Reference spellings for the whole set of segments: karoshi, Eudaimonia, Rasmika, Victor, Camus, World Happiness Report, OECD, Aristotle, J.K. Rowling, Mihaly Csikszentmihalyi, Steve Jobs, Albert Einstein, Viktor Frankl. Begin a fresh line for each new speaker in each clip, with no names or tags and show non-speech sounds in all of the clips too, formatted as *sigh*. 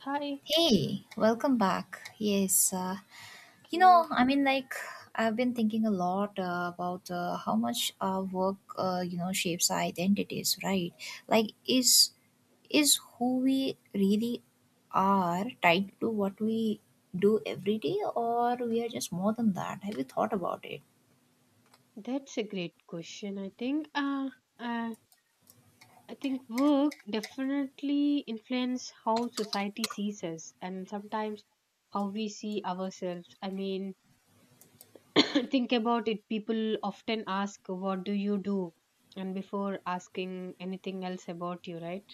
Hi.
Hey, welcome back. Yes,
You.
I mean, like, I've been thinking a lot about how much our work, shapes our identities, right? Like, is who we really are tied to what we do every day, or we are just more than that? Have you thought about it?
That's a great question. Uh, I think work definitely influence how society sees us, and sometimes how we see ourselves. I mean, *coughs* *clears throat* think about it. People often ask, "What do you do?" And before asking anything else about you, right?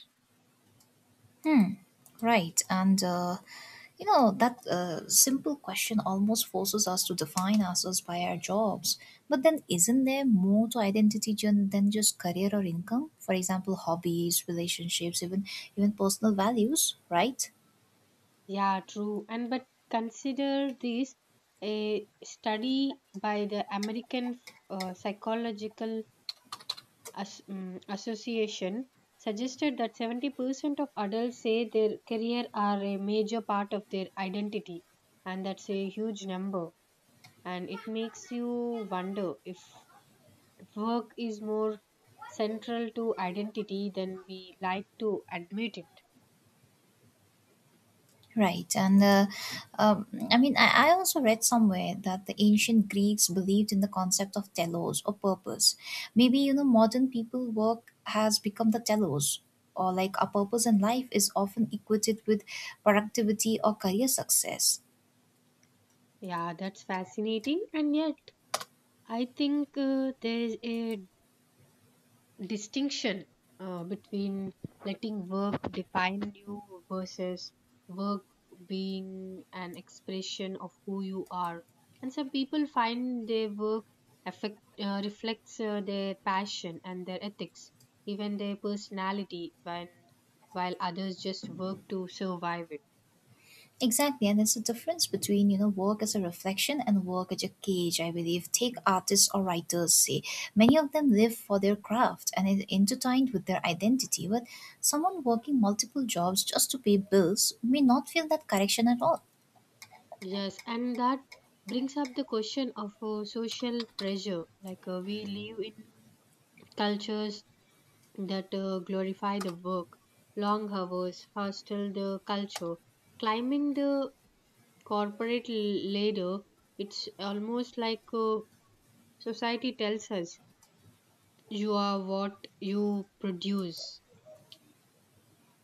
Hmm. Right. And, that simple question almost forces us to define ourselves by our jobs. But then, isn't there more to identity than just career or income? For example, hobbies, relationships, even personal values, right?
Yeah, true. And but consider this, a study by the American psychological Association suggested that 70% of adults say their career are a major part of their identity, and that's a huge number. And it makes you wonder if work is more central to identity than we like to admit it.
Right. And um, I mean, I also read somewhere that the ancient Greeks believed in the concept of telos or purpose. Maybe, modern people work has become the telos, or like our purpose in life is often equated with productivity or career success.
Yeah, that's fascinating, and yet I think there is a distinction between letting work define you versus work being an expression of who you are, and some people find their work reflects their passion and their ethics, even their personality, when while others just work to survive it.
Exactly, and it's the difference between work as a reflection and work as a cage. I believe take artists or writers say many of them live for their craft and it intertwined with their identity. But someone working multiple jobs just to pay bills may not feel that connection at all.
Yes, and that brings up the question of social pressure, like we live in cultures that glorify the work, long hours, hostile the culture. Climbing the corporate ladder, it's almost like society tells us you are what you produce.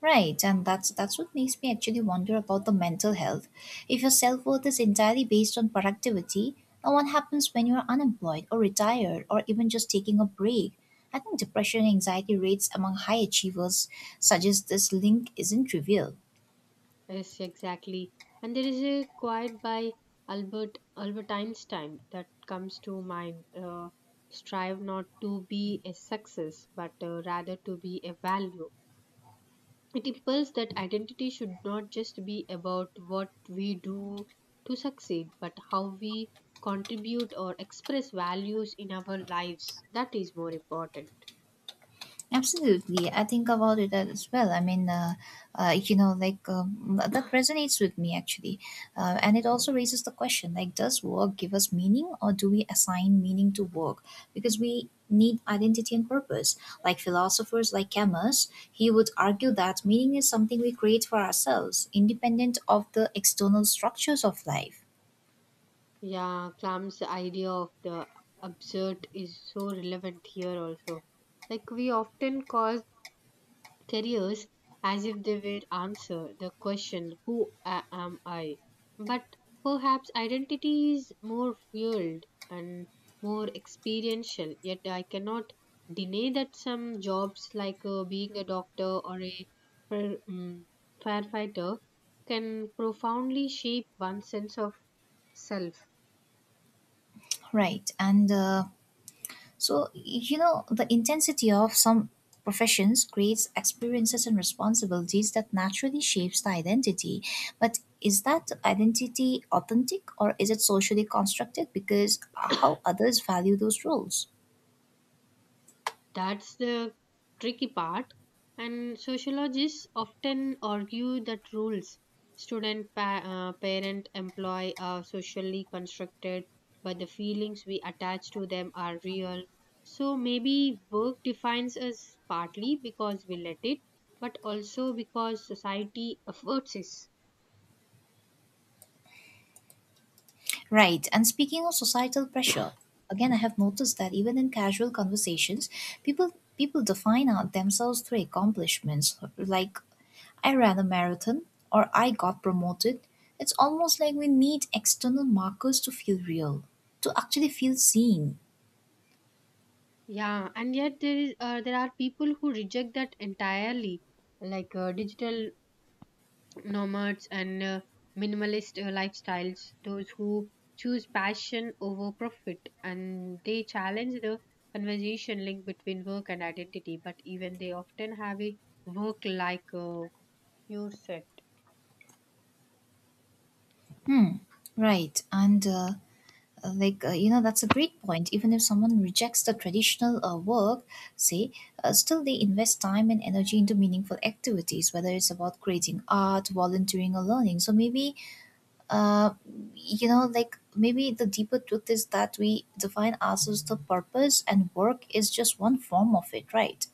Right, and that's what makes me actually wonder about the mental health. If your self worth is entirely based on productivity, now what happens when you are unemployed or retired or even just taking a break? I think depression and anxiety rates among high achievers suggest this link isn't trivial.
Yes, exactly. And there is a quote by Albert Einstein that comes to mind. Strive not to be a success, but rather to be a value. It impels that identity should not just be about what we do to succeed, but how we contribute or express values in our lives. That is more important.
Absolutely, I think about it as well. I mean, like that resonates with me actually, and it also raises the question: like, does work give us meaning, or do we assign meaning to work? Because we need identity and purpose. Like philosophers, like Camus, he would argue that meaning is something we create for ourselves, independent of the external structures of life.
Yeah, Clam's idea of the absurd is so relevant here also. Like, we often cause careers as if they were answer the question who am I, but perhaps identity is more fueled and more experiential, yet I cannot deny that some jobs, like being a doctor or a fire- um, firefighter, can profoundly shape one's sense of self.
Right, and so, the intensity of some professions creates experiences and responsibilities that naturally shapes the identity. But is that identity authentic or is it socially constructed because how others value those roles?
That's the tricky part. And sociologists often argue that rules, student, parent, employee, are socially constructed, but the feelings we attach to them are real. So maybe work defines us partly because we let it, but also because society affords us.
Right. And speaking of societal pressure, again, I have noticed that even in casual conversations, people people define out themselves through accomplishments like I ran a marathon, or I got promoted. It's almost like we need external markers to feel real, to actually feel seen.
Yeah, and yet there is there are people who reject that entirely, like digital nomads and minimalist lifestyles, those who choose passion over profit, and they challenge the conversation link between work and identity, but even they often have a work like pure set.
Hmm, right. And, like, that's a great point. Even if someone rejects the traditional work, say, still they invest time and energy into meaningful activities, whether it's about creating art, volunteering, or learning. So maybe uh, like maybe the deeper truth is that we define ourselves the purpose, and work is just one form of it, right?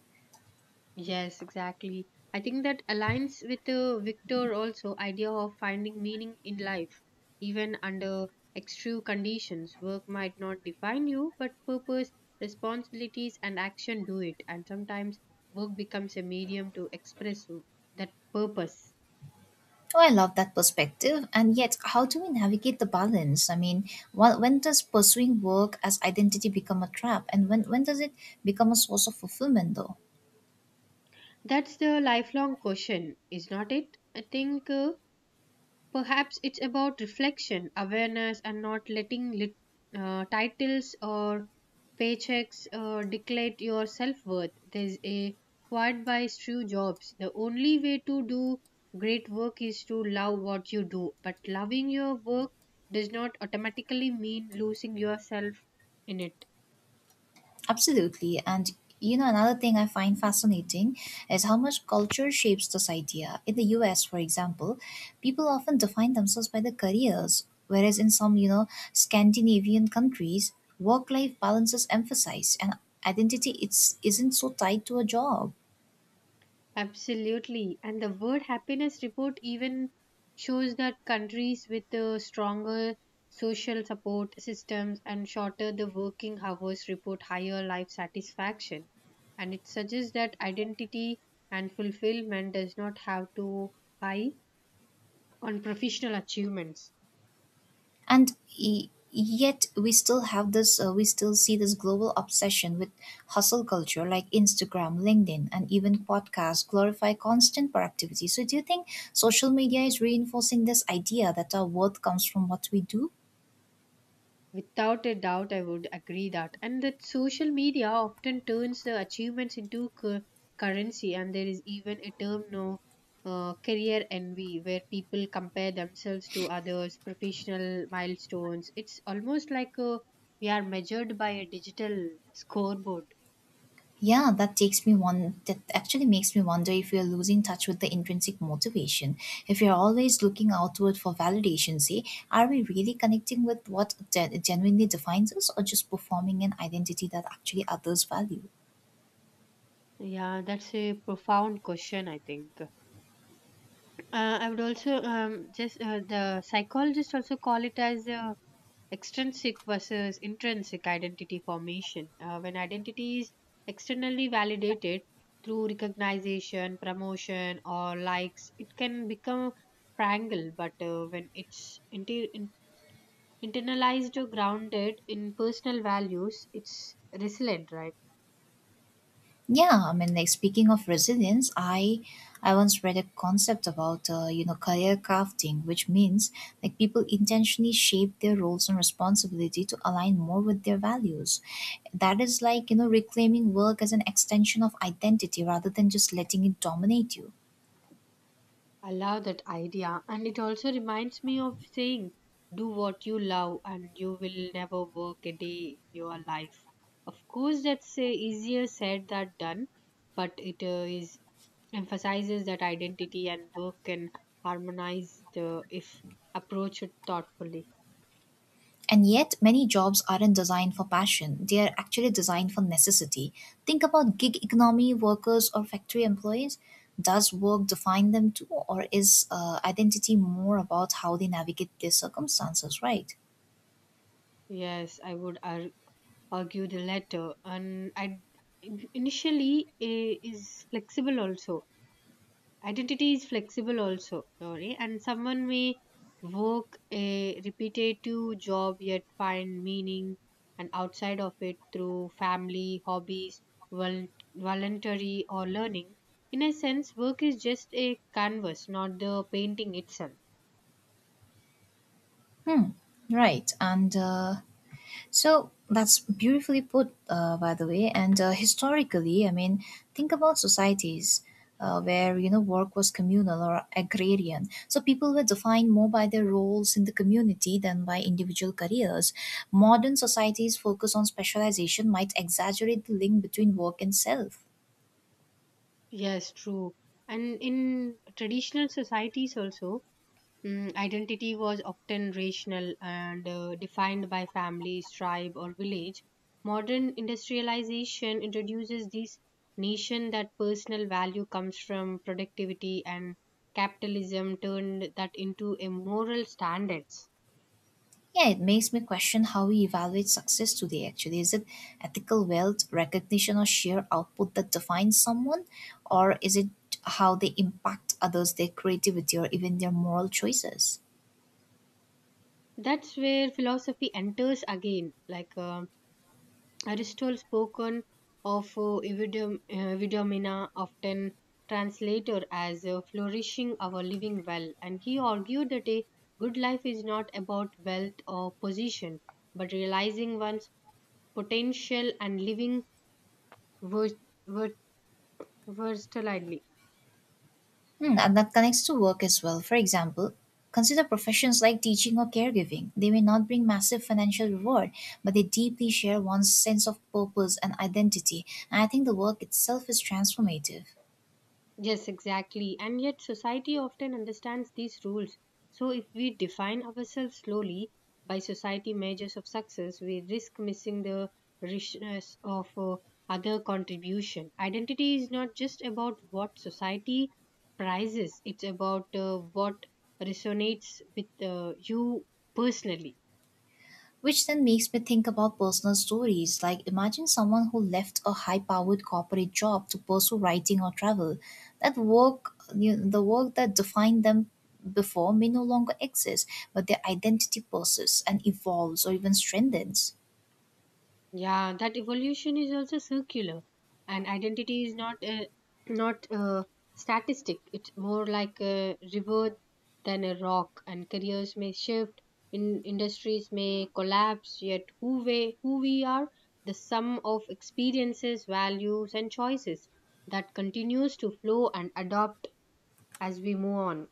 Yes, exactly. I think that aligns with Victor also idea of finding meaning in life, even under extreme conditions. Work might not define you, but purpose, responsibilities, and action do it. And sometimes work becomes a medium to express that purpose.
Oh, I love that perspective. And yet, how do we navigate the balance? I mean, when does pursuing work as identity become a trap, and when does it become a source of fulfillment, though?
That's the lifelong question, is not it? I think. Perhaps it's about reflection, awareness, and not letting titles or paychecks declare your self worth. There's a quote by Steve jobs. The only way to do great work is to love what you do, but loving your work does not automatically mean losing yourself in it.
Absolutely. And another thing I find fascinating is how much culture shapes this idea. In the US, for example, people often define themselves by their careers, whereas in some, Scandinavian countries, work life balance is emphasized and identity it's, isn't so tied to a job.
Absolutely. And the World Happiness Report even shows that countries with stronger social support systems and shorter the working hours report higher life satisfaction. And it suggests that identity and fulfillment does not have to high on professional achievements.
And y- yet we still have this we still see this global obsession with hustle culture like Instagram, LinkedIn, and even podcasts glorify constant productivity. So do you think social media is reinforcing this idea that our worth comes from what we do?
Without a doubt, I would agree that. And that social media often turns the achievements into currency, and there is even a term now, career envy, where people compare themselves to others' professional milestones. It's almost like we are measured by a digital scoreboard.
Yeah, that actually makes me wonder if we are losing touch with the intrinsic motivation. If we are always looking outward for validation, say, are we really connecting with what genuinely defines us, or just performing an identity that actually others value?
Yeah, that's a profound question, I think. I would also just the psychologists also call it as a extrinsic versus intrinsic identity formation. When identity is externally validated through recognition, promotion, or likes, it can become fragile. But when it's internalized, or grounded in personal values, it's resilient, right?
Yeah, I mean, like, speaking of resilience, I once read a concept about career crafting, which means like people intentionally shape their roles and responsibility to align more with their values. That is like reclaiming work as an extension of identity rather than just letting it dominate you.
I love that idea, and it also reminds me of saying, do what you love, and you will never work a day in your life. Of course, that's easier said than done, but it is emphasizes that identity and work can harmonize the, if approached thoughtfully.
And yet, many jobs aren't designed for passion, they are actually designed for necessity. Think about gig economy workers or factory employees. Does work define them too, or is identity more about how they navigate their circumstances, right?
Yes, I would argue the latter, and initially is flexible also. Identity is flexible also, Lori, and someone may work a repetitive job yet find meaning and outside of it through family, hobbies, vol- voluntary, or learning. In a sense, work is just a canvas, not the painting itself.
Hmm, right. And so that's beautifully put, by the way. And historically, I mean, think about societies where work was communal or agrarian. So people were defined more by their roles in the community than by individual careers. Modern societies' focus on specialization might exaggerate the link between work and self.
Yes, true. And in traditional societies also, identity was often rational and defined by families, tribe, or village. Modern industrialization introduces this notion that personal value comes from productivity, and capitalism turned that into a moral standards.
Yeah, it makes me question how we evaluate success today, actually. Is it ethical wealth, recognition, or sheer output that defines someone? Or is it how they impact others, their creativity, or even their moral choices?
That's where philosophy enters again, like. Aristotle spoken of eudaimonia, often translated as flourishing or living well, and he argued that a good life is not about wealth or position, but realizing one's potential and living vers- vers- versatilely.
Hmm, and that connects to work as well. For example, consider professions like teaching or caregiving. They may not bring massive financial reward, but they deeply share one's sense of purpose and identity. And I think the work itself is transformative.
Yes, exactly. And yet, society often understands these rules. So, if we define ourselves slowly by society measures of success, we risk missing the richness of other contribution. Identity is not just about what society prizes, it's about what resonates with you personally.
Which then makes me think about personal stories. Like, imagine someone who left a high powered corporate job to pursue writing or travel. That work, the work that defined them before may no longer exist, but their identity persists and evolves or even strengthens.
Yeah, that evolution is also circular, and identity is not a *clears throat* not a statistic. It's more like a river than a rock, and careers may shift, in industries may collapse. Yet, who we are, the sum of experiences, values, and choices that continues to flow and adopt as we move on.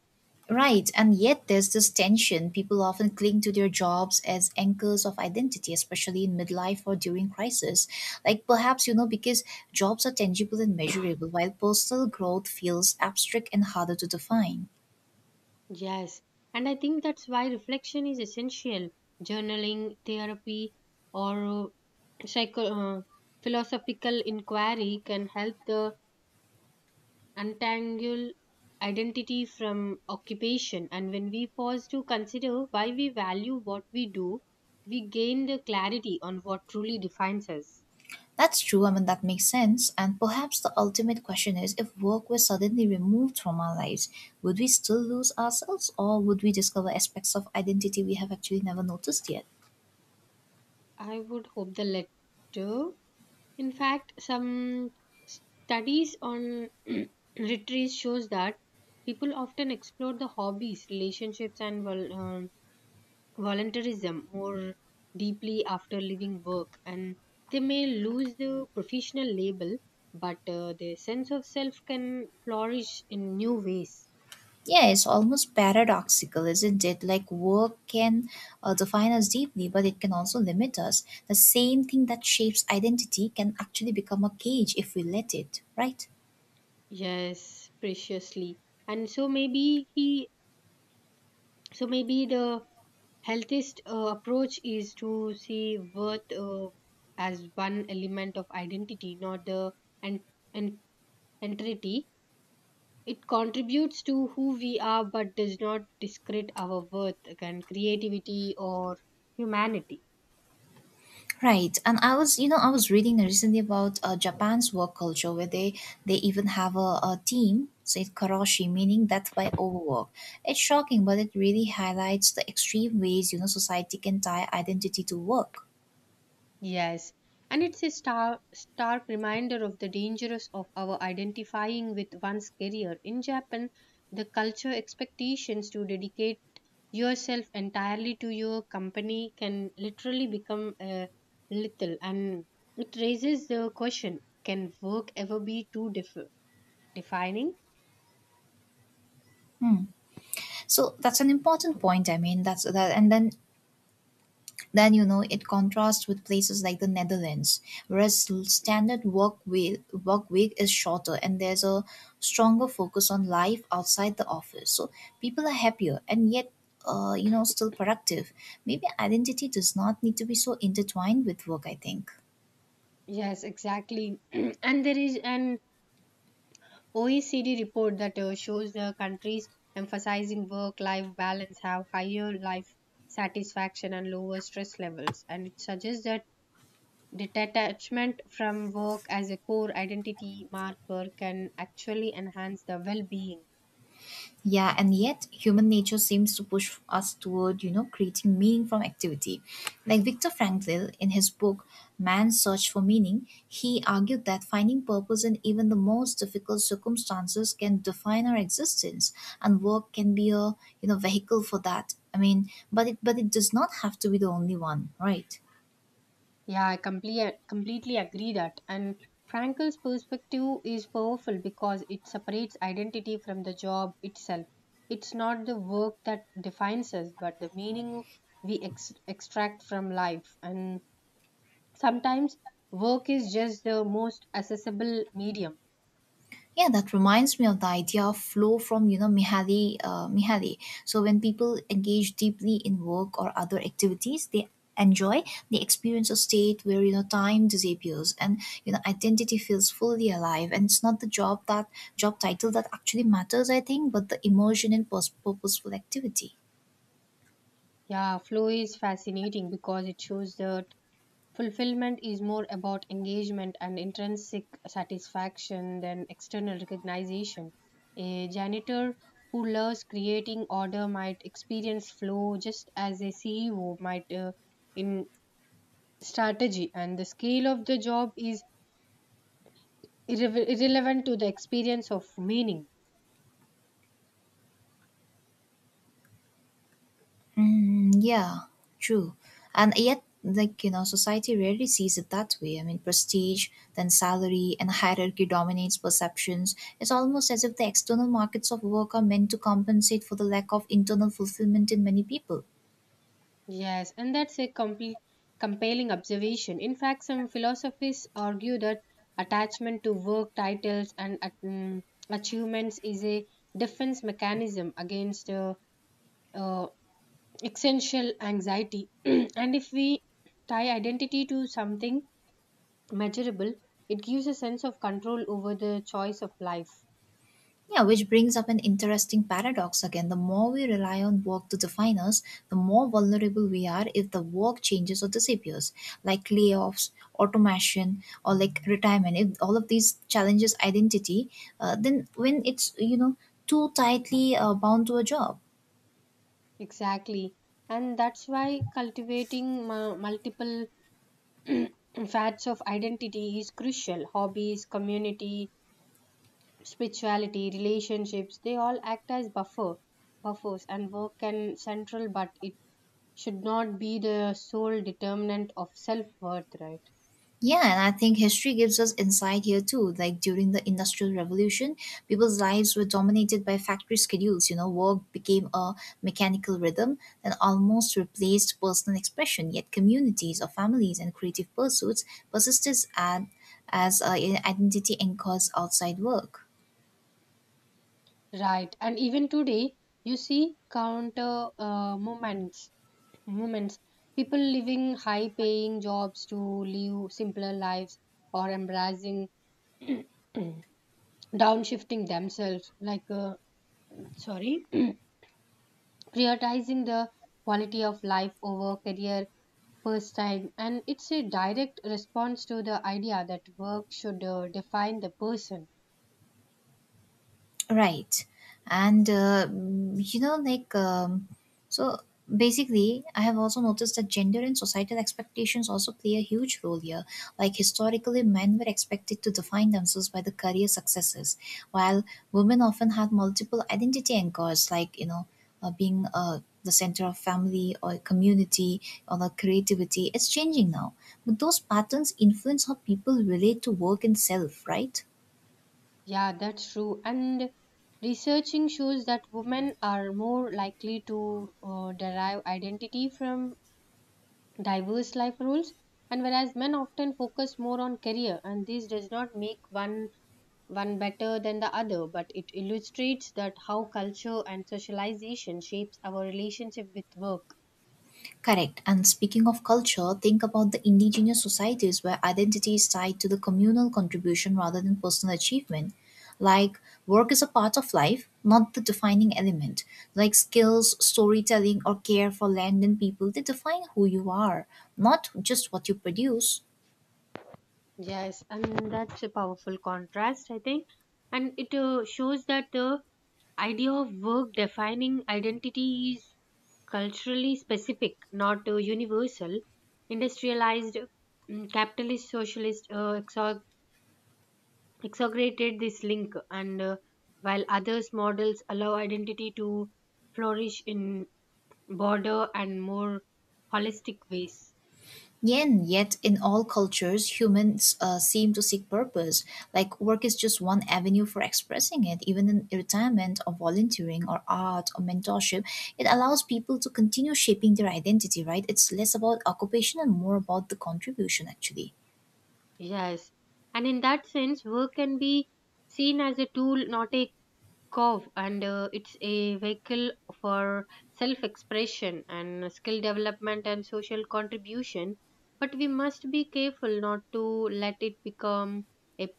Right, and yet there's this tension. People often cling to their jobs as anchors of identity, especially in midlife or during crisis. Like perhaps, because jobs are tangible and measurable, while personal growth feels abstract and harder to define.
Yes, and I think that's why reflection is essential. Journaling, therapy, or psycho- uh, philosophical inquiry can help the untangle identity from occupation, and when we pause to consider why we value what we do, we gain the clarity on what truly defines us.
That's true, I mean, that makes sense. And perhaps the ultimate question is, if work were suddenly removed from our lives, would we still lose ourselves, or would we discover aspects of identity we have actually never noticed yet?
I would hope the latter. In fact, some studies on *clears throat* retreats shows that people often explore the hobbies, relationships, and volunteerism more deeply after leaving work, and they may lose their professional label, but their sense of self can flourish in new ways.
Yeah, it's almost paradoxical, isn't it? Like, work can define us deeply, but it can also limit us. The same thing that shapes identity can actually become a cage if we let it, right?
Yes, preciously. And so maybe he So maybe the healthiest approach is to see worth as one element of identity, not the and and entirety. It contributes to who we are but does not discredit our worth and creativity or humanity.
Right, and I was reading recently about Japan's work culture where they even have a team, say karoshi, meaning death by overwork. It's shocking, but it really highlights the extreme ways society can tie identity to work.
Yes, and it's a stark reminder of the dangers of our identifying with one's career. In Japan, the culture expectations to dedicate yourself entirely to your company can literally become a little, and it raises the question, can work ever be too defining?
Hmm. So that's an important point. I mean, that's that, and then it contrasts with places like the Netherlands, whereas standard work week is shorter and there's a stronger focus on life outside the office. So people are happier, and yet still productive. Maybe identity does not need to be so intertwined with work, I think.
Yes, exactly. *clears throat* And there is an OECD report that shows the countries emphasizing work life balance have higher life satisfaction and lower stress levels. And it suggests that detachment from work as a core identity marker can actually enhance the well being.
Yeah, and yet human nature seems to push us toward, creating meaning from activity. Like Viktor Frankl in his book Man's Search for Meaning, he argued that finding purpose in even the most difficult circumstances can define our existence, and work can be a vehicle for that. I mean, but it does not have to be the only one, right?
Yeah, I completely agree that. And Frankel's perspective is powerful because it separates identity from the job itself. It's not the work that defines us, but the meaning we extract from life. And sometimes work is just the most accessible medium.
Yeah, that reminds me of the idea of flow from Mihaly. So when people engage deeply in work or other activities, they enjoy the experience of state where time disappears and identity feels fully alive, and it's not the job that job title that actually matters, I think, but the immersion in purposeful activity.
Yeah, flow is fascinating because it shows the fulfillment is more about engagement and intrinsic satisfaction than external recognition. A janitor who loves creating order might experience flow just as a CEO might in strategy, and the scale of the job is irrelevant to the experience of meaning.
Mm, yeah, true. And yet, like, society rarely sees it that way. I mean, prestige, then salary, and hierarchy dominates perceptions. It's almost as if the external markets of work are meant to compensate for the lack of internal fulfillment in many people.
Yes, and that's a compelling observation. In fact, some philosophies argue that attachment to work titles and achievements is a defense mechanism against uh, existential anxiety. *clears throat* And if we tie identity to something measurable, it gives a sense of control over the choice of life.
Yeah, which brings up an interesting paradox again. The more we rely on work to define us, the more vulnerable we are if the work changes or disappears, like layoffs, automation, or like retirement. If all of these challenges identity, then when it's too tightly bound to a job.
Exactly. And that's why cultivating multiple *clears throat* facts of identity is crucial. Hobbies, community, spirituality, relationships, they all act as buffers, and work can central, but it should not be the sole determinant of self worth, right?
Yeah, and I think history gives us insight here too. Like during the Industrial Revolution, people's lives were dominated by factory schedules. Work became a mechanical rhythm that almost replaced personal expression. Yet communities or families and creative pursuits persisted as identity anchors outside work.
Right. And even today, you see counter movements, people living high paying jobs to live simpler lives or embracing *clears throat* downshifting themselves, like, sorry. *clears throat* Prioritizing the quality of life over career first time, and it's a direct response to the idea that work should define the person.
Right. And, like, so basically, I have also noticed that gender and societal expectations also play a huge role here. Like, historically, men were expected to define themselves by the career successes, while women often had multiple identity anchors, like, being the center of family or community or the creativity. It's changing now. But those patterns influence how people relate to work and self, right?
Yeah, that's true. And researching shows that women are more likely to derive identity from diverse life roles, and whereas men often focus more on career, and this does not make one better than the other, but it illustrates that how culture and socialization shapes our relationship with work.
Correct. And speaking of culture, think about the indigenous societies where identity is tied to the communal contribution rather than personal achievement. Like, work is a part of life, not the defining element. Like, skills, storytelling, or care for land and people, they define who you are, not just what you produce.
Yes, and that's a powerful contrast, I think. And it shows that the idea of work defining identity is culturally specific, not universal. Industrialized capitalist socialist exaggerated this link, and while others models allow identity to flourish in broader and more holistic ways.
Yen, yet in all cultures, humans seem to seek purpose. Like work is just one avenue for expressing it. Even in retirement or volunteering or art or mentorship, it allows people to continue shaping their identity, right? It's less about occupation and more about the contribution, actually.
Yes, and in that sense, work can be seen as a tool, not a curve and it's a vehicle for self expression and skill development and social contribution, but we must be careful not to let it become a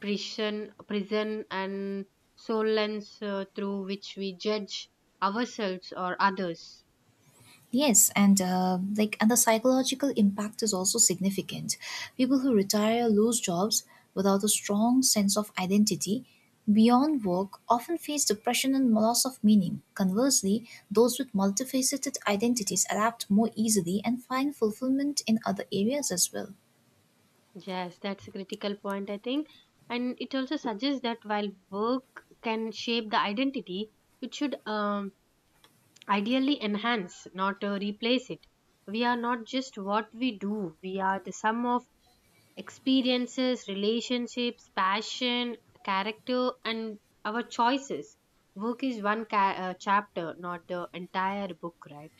prison and sole lens through which we judge ourselves or others.
Yes, and the psychological impact is also significant. People who retire lose jobs without a strong sense of identity beyond work often face depression and loss of meaning. Conversely, those with multifaceted identities adapt more easily and find fulfillment in other areas as well.
Yes, that's a critical point, I think. And it also suggests that while work can shape the identity, it should ideally enhance, not replace it. We are not just what we do, we are the sum of experiences, relationships, passion, character, and our choices. Work is one chapter, not the entire book, right?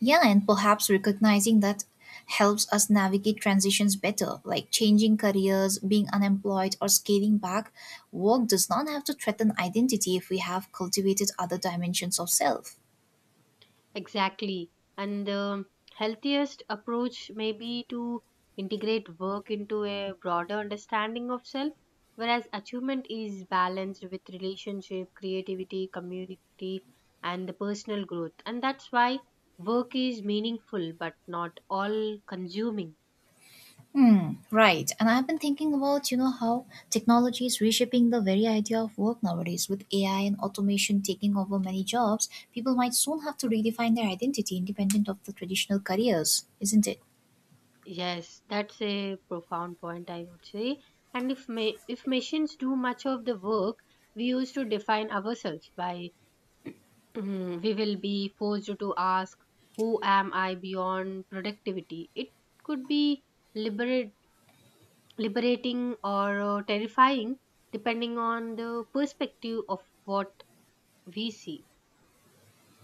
Yeah, and perhaps recognizing that helps us navigate transitions better, like changing careers, being unemployed, or scaling back. Work does not have to threaten identity if we have cultivated other dimensions of self.
Exactly. And the healthiest approach may be to integrate work into a broader understanding of self, whereas achievement is balanced with relationship, creativity, community, and the personal growth. And that's why work is meaningful but not all consuming.
Hmm, right. And I've been thinking about, you know, how technology is reshaping the very idea of work nowadays. With AI and automation taking over many jobs, people might soon have to redefine their identity independent of the traditional careers, isn't it?
Yes, that's a profound point, I would say. And if machines do much of the work we used to define ourselves by. Mhm. We will be forced to ask, who am I beyond productivity? It could be liberate, liberating or terrifying, depending on the perspective of what we see.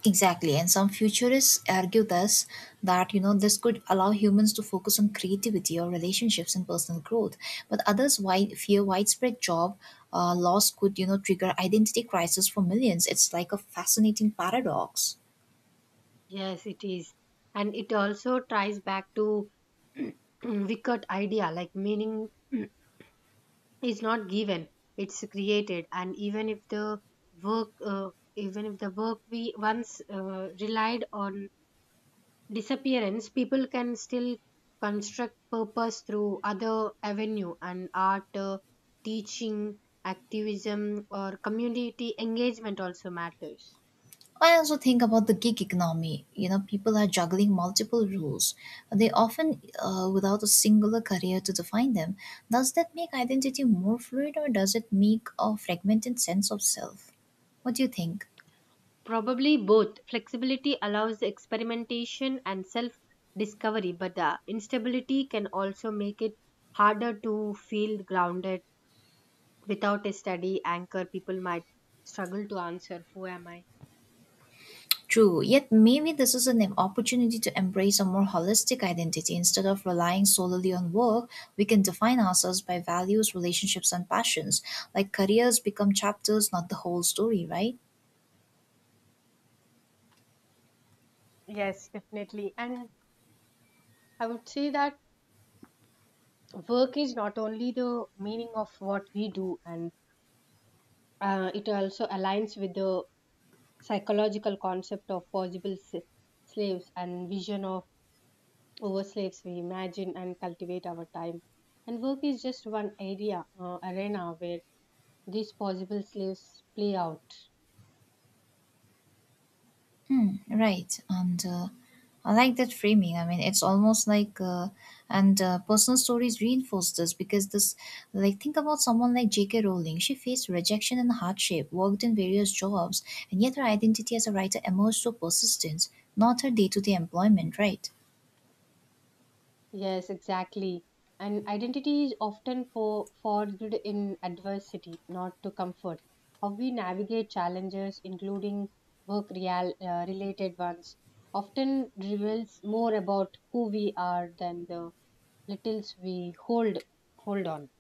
Exactly, and some futurists argue this that you know this could allow humans to focus on creativity or relationships and personal growth, but fear widespread job loss could, you know, trigger identity crisis for millions. It's like a fascinating paradox.
Yes, it is. And it also ties back to *clears throat* wicked idea, like meaning *clears throat* is not given, it's created. And work uh, even if the work we once relied on disappearance, people can still construct purpose through other avenue and art, teaching, activism, or community engagement also matters.
I also think about the gig economy. You know, people are juggling multiple roles. They often without a singular career to define them. Does that make identity more fluid, or does it make a fragmented sense of self? What do you think?
Probably both. Flexibility allows experimentation and self discovery, but the instability can also make it harder to feel grounded. Without a steady anchor, people might struggle to answer, who am I?
True, yet maybe this is an opportunity to embrace a more holistic identity instead of relying solely on work. We can define ourselves by values, relationships, and passions. Like careers become chapters, not the whole story, right?
Yes, definitely. And I would say that work is not only the meaning of what we do, and it also aligns with the psychological concept of slaves and vision of over slaves we imagine and cultivate our time, and work is just one area arena where these possible slaves play out.
Hmm, right. And I like that framing. I mean, it's almost like, and personal stories reinforce this, like, think about someone like J.K. Rowling. She faced rejection and hardship, worked in various jobs, and yet her identity as a writer emerged through persistence, not her day to day employment, right?
Yes, exactly. And identity is often forged in adversity, not to comfort. How we navigate challenges, including related ones, often reveals more about who we are than the littles we hold on.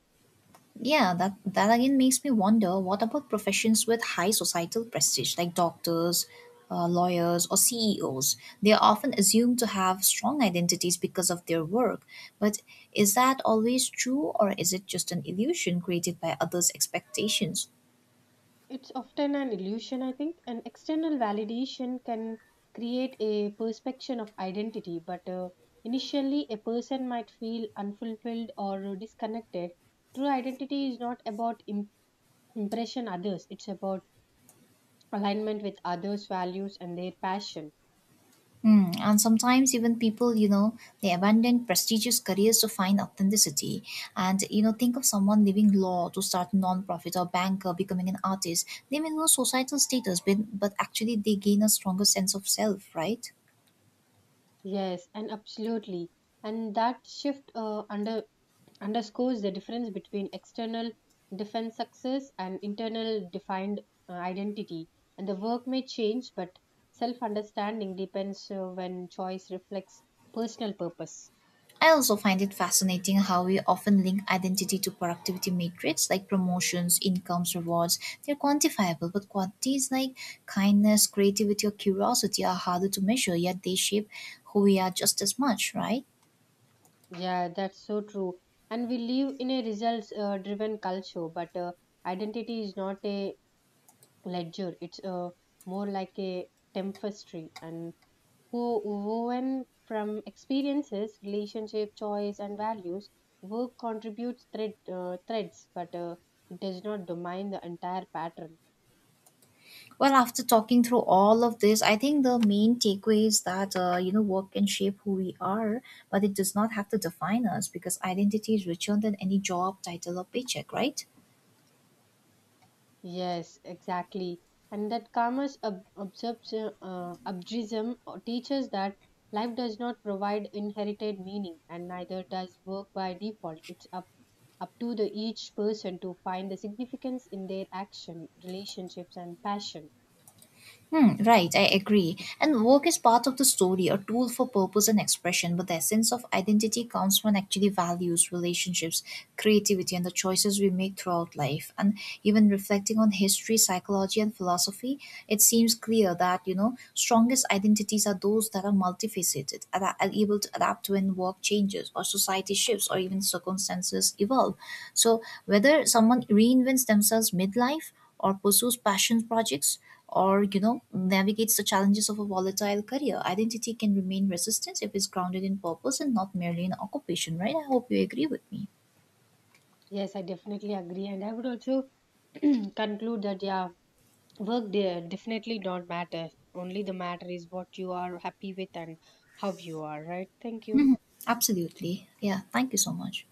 Yeah, that again makes me wonder what about professions with high societal prestige like doctors, lawyers, or CEOs? They are often assumed to have strong identities because of their work. But is that always true, or is it just an illusion created by others' expectations?
It's often an illusion, I think. An external validation can create a perception of identity, but initially a person might feel unfulfilled or disconnected. True identity is not about impression others, it's about alignment with others' values and their passion.
Mm, and sometimes even people, you know, they abandon prestigious careers to find authenticity. And you know, think of someone leaving law to start a non-profit or banker, becoming an artist. They may lose societal status, but actually they gain a stronger sense of self, right?
Yes, and absolutely. And that shift underscores the difference between external defense success and internal defined identity. And the work may change, but self understanding depends when choice reflects personal purpose.
I also find it fascinating how we often link identity to productivity matrix like promotions, incomes, rewards. They're quantifiable, but qualities like kindness, creativity, or curiosity are harder to measure, yet they shape who we are just as much, right?
Yeah, that's so true. And we live in a results driven culture, but identity is not a ledger, it's more like a tapestry. And who woven from experiences, relationship, choice, and values, work contributes threads, but it does not domine the entire pattern.
Well, after talking through all of this, I think the main takeaway is that, you know, work can shape who we are, but it does not have to define us because identity is richer than any job, title, or paycheck, right?
Yes, exactly. And that karma's obsession teaches that life does not provide inherited meaning, and neither does work by default. It's up to the each person to find the significance in their action, relationships, and passion.
Hmm, right, I agree. And work is part of the story, a tool for purpose and expression, but the essence of identity comes when actually values, relationships, creativity, and the choices we make throughout life. And even reflecting on history, psychology, and philosophy, it seems clear that, you know, strongest identities are those that are multifaceted, and are able to adapt when work changes, or society shifts, or even circumstances evolve. So, whether someone reinvents themselves midlife or pursues passion projects or, you know, navigates the challenges of a volatile career, identity can remain resistance if it's grounded in purpose and not merely in occupation, right? I hope you agree with me.
Yes, I definitely agree. And I would also *clears throat* conclude that, yeah, work there definitely don't matter. Only the matter is what you are happy with and how you are, right? Thank you.
Absolutely. Yeah, thank you so much.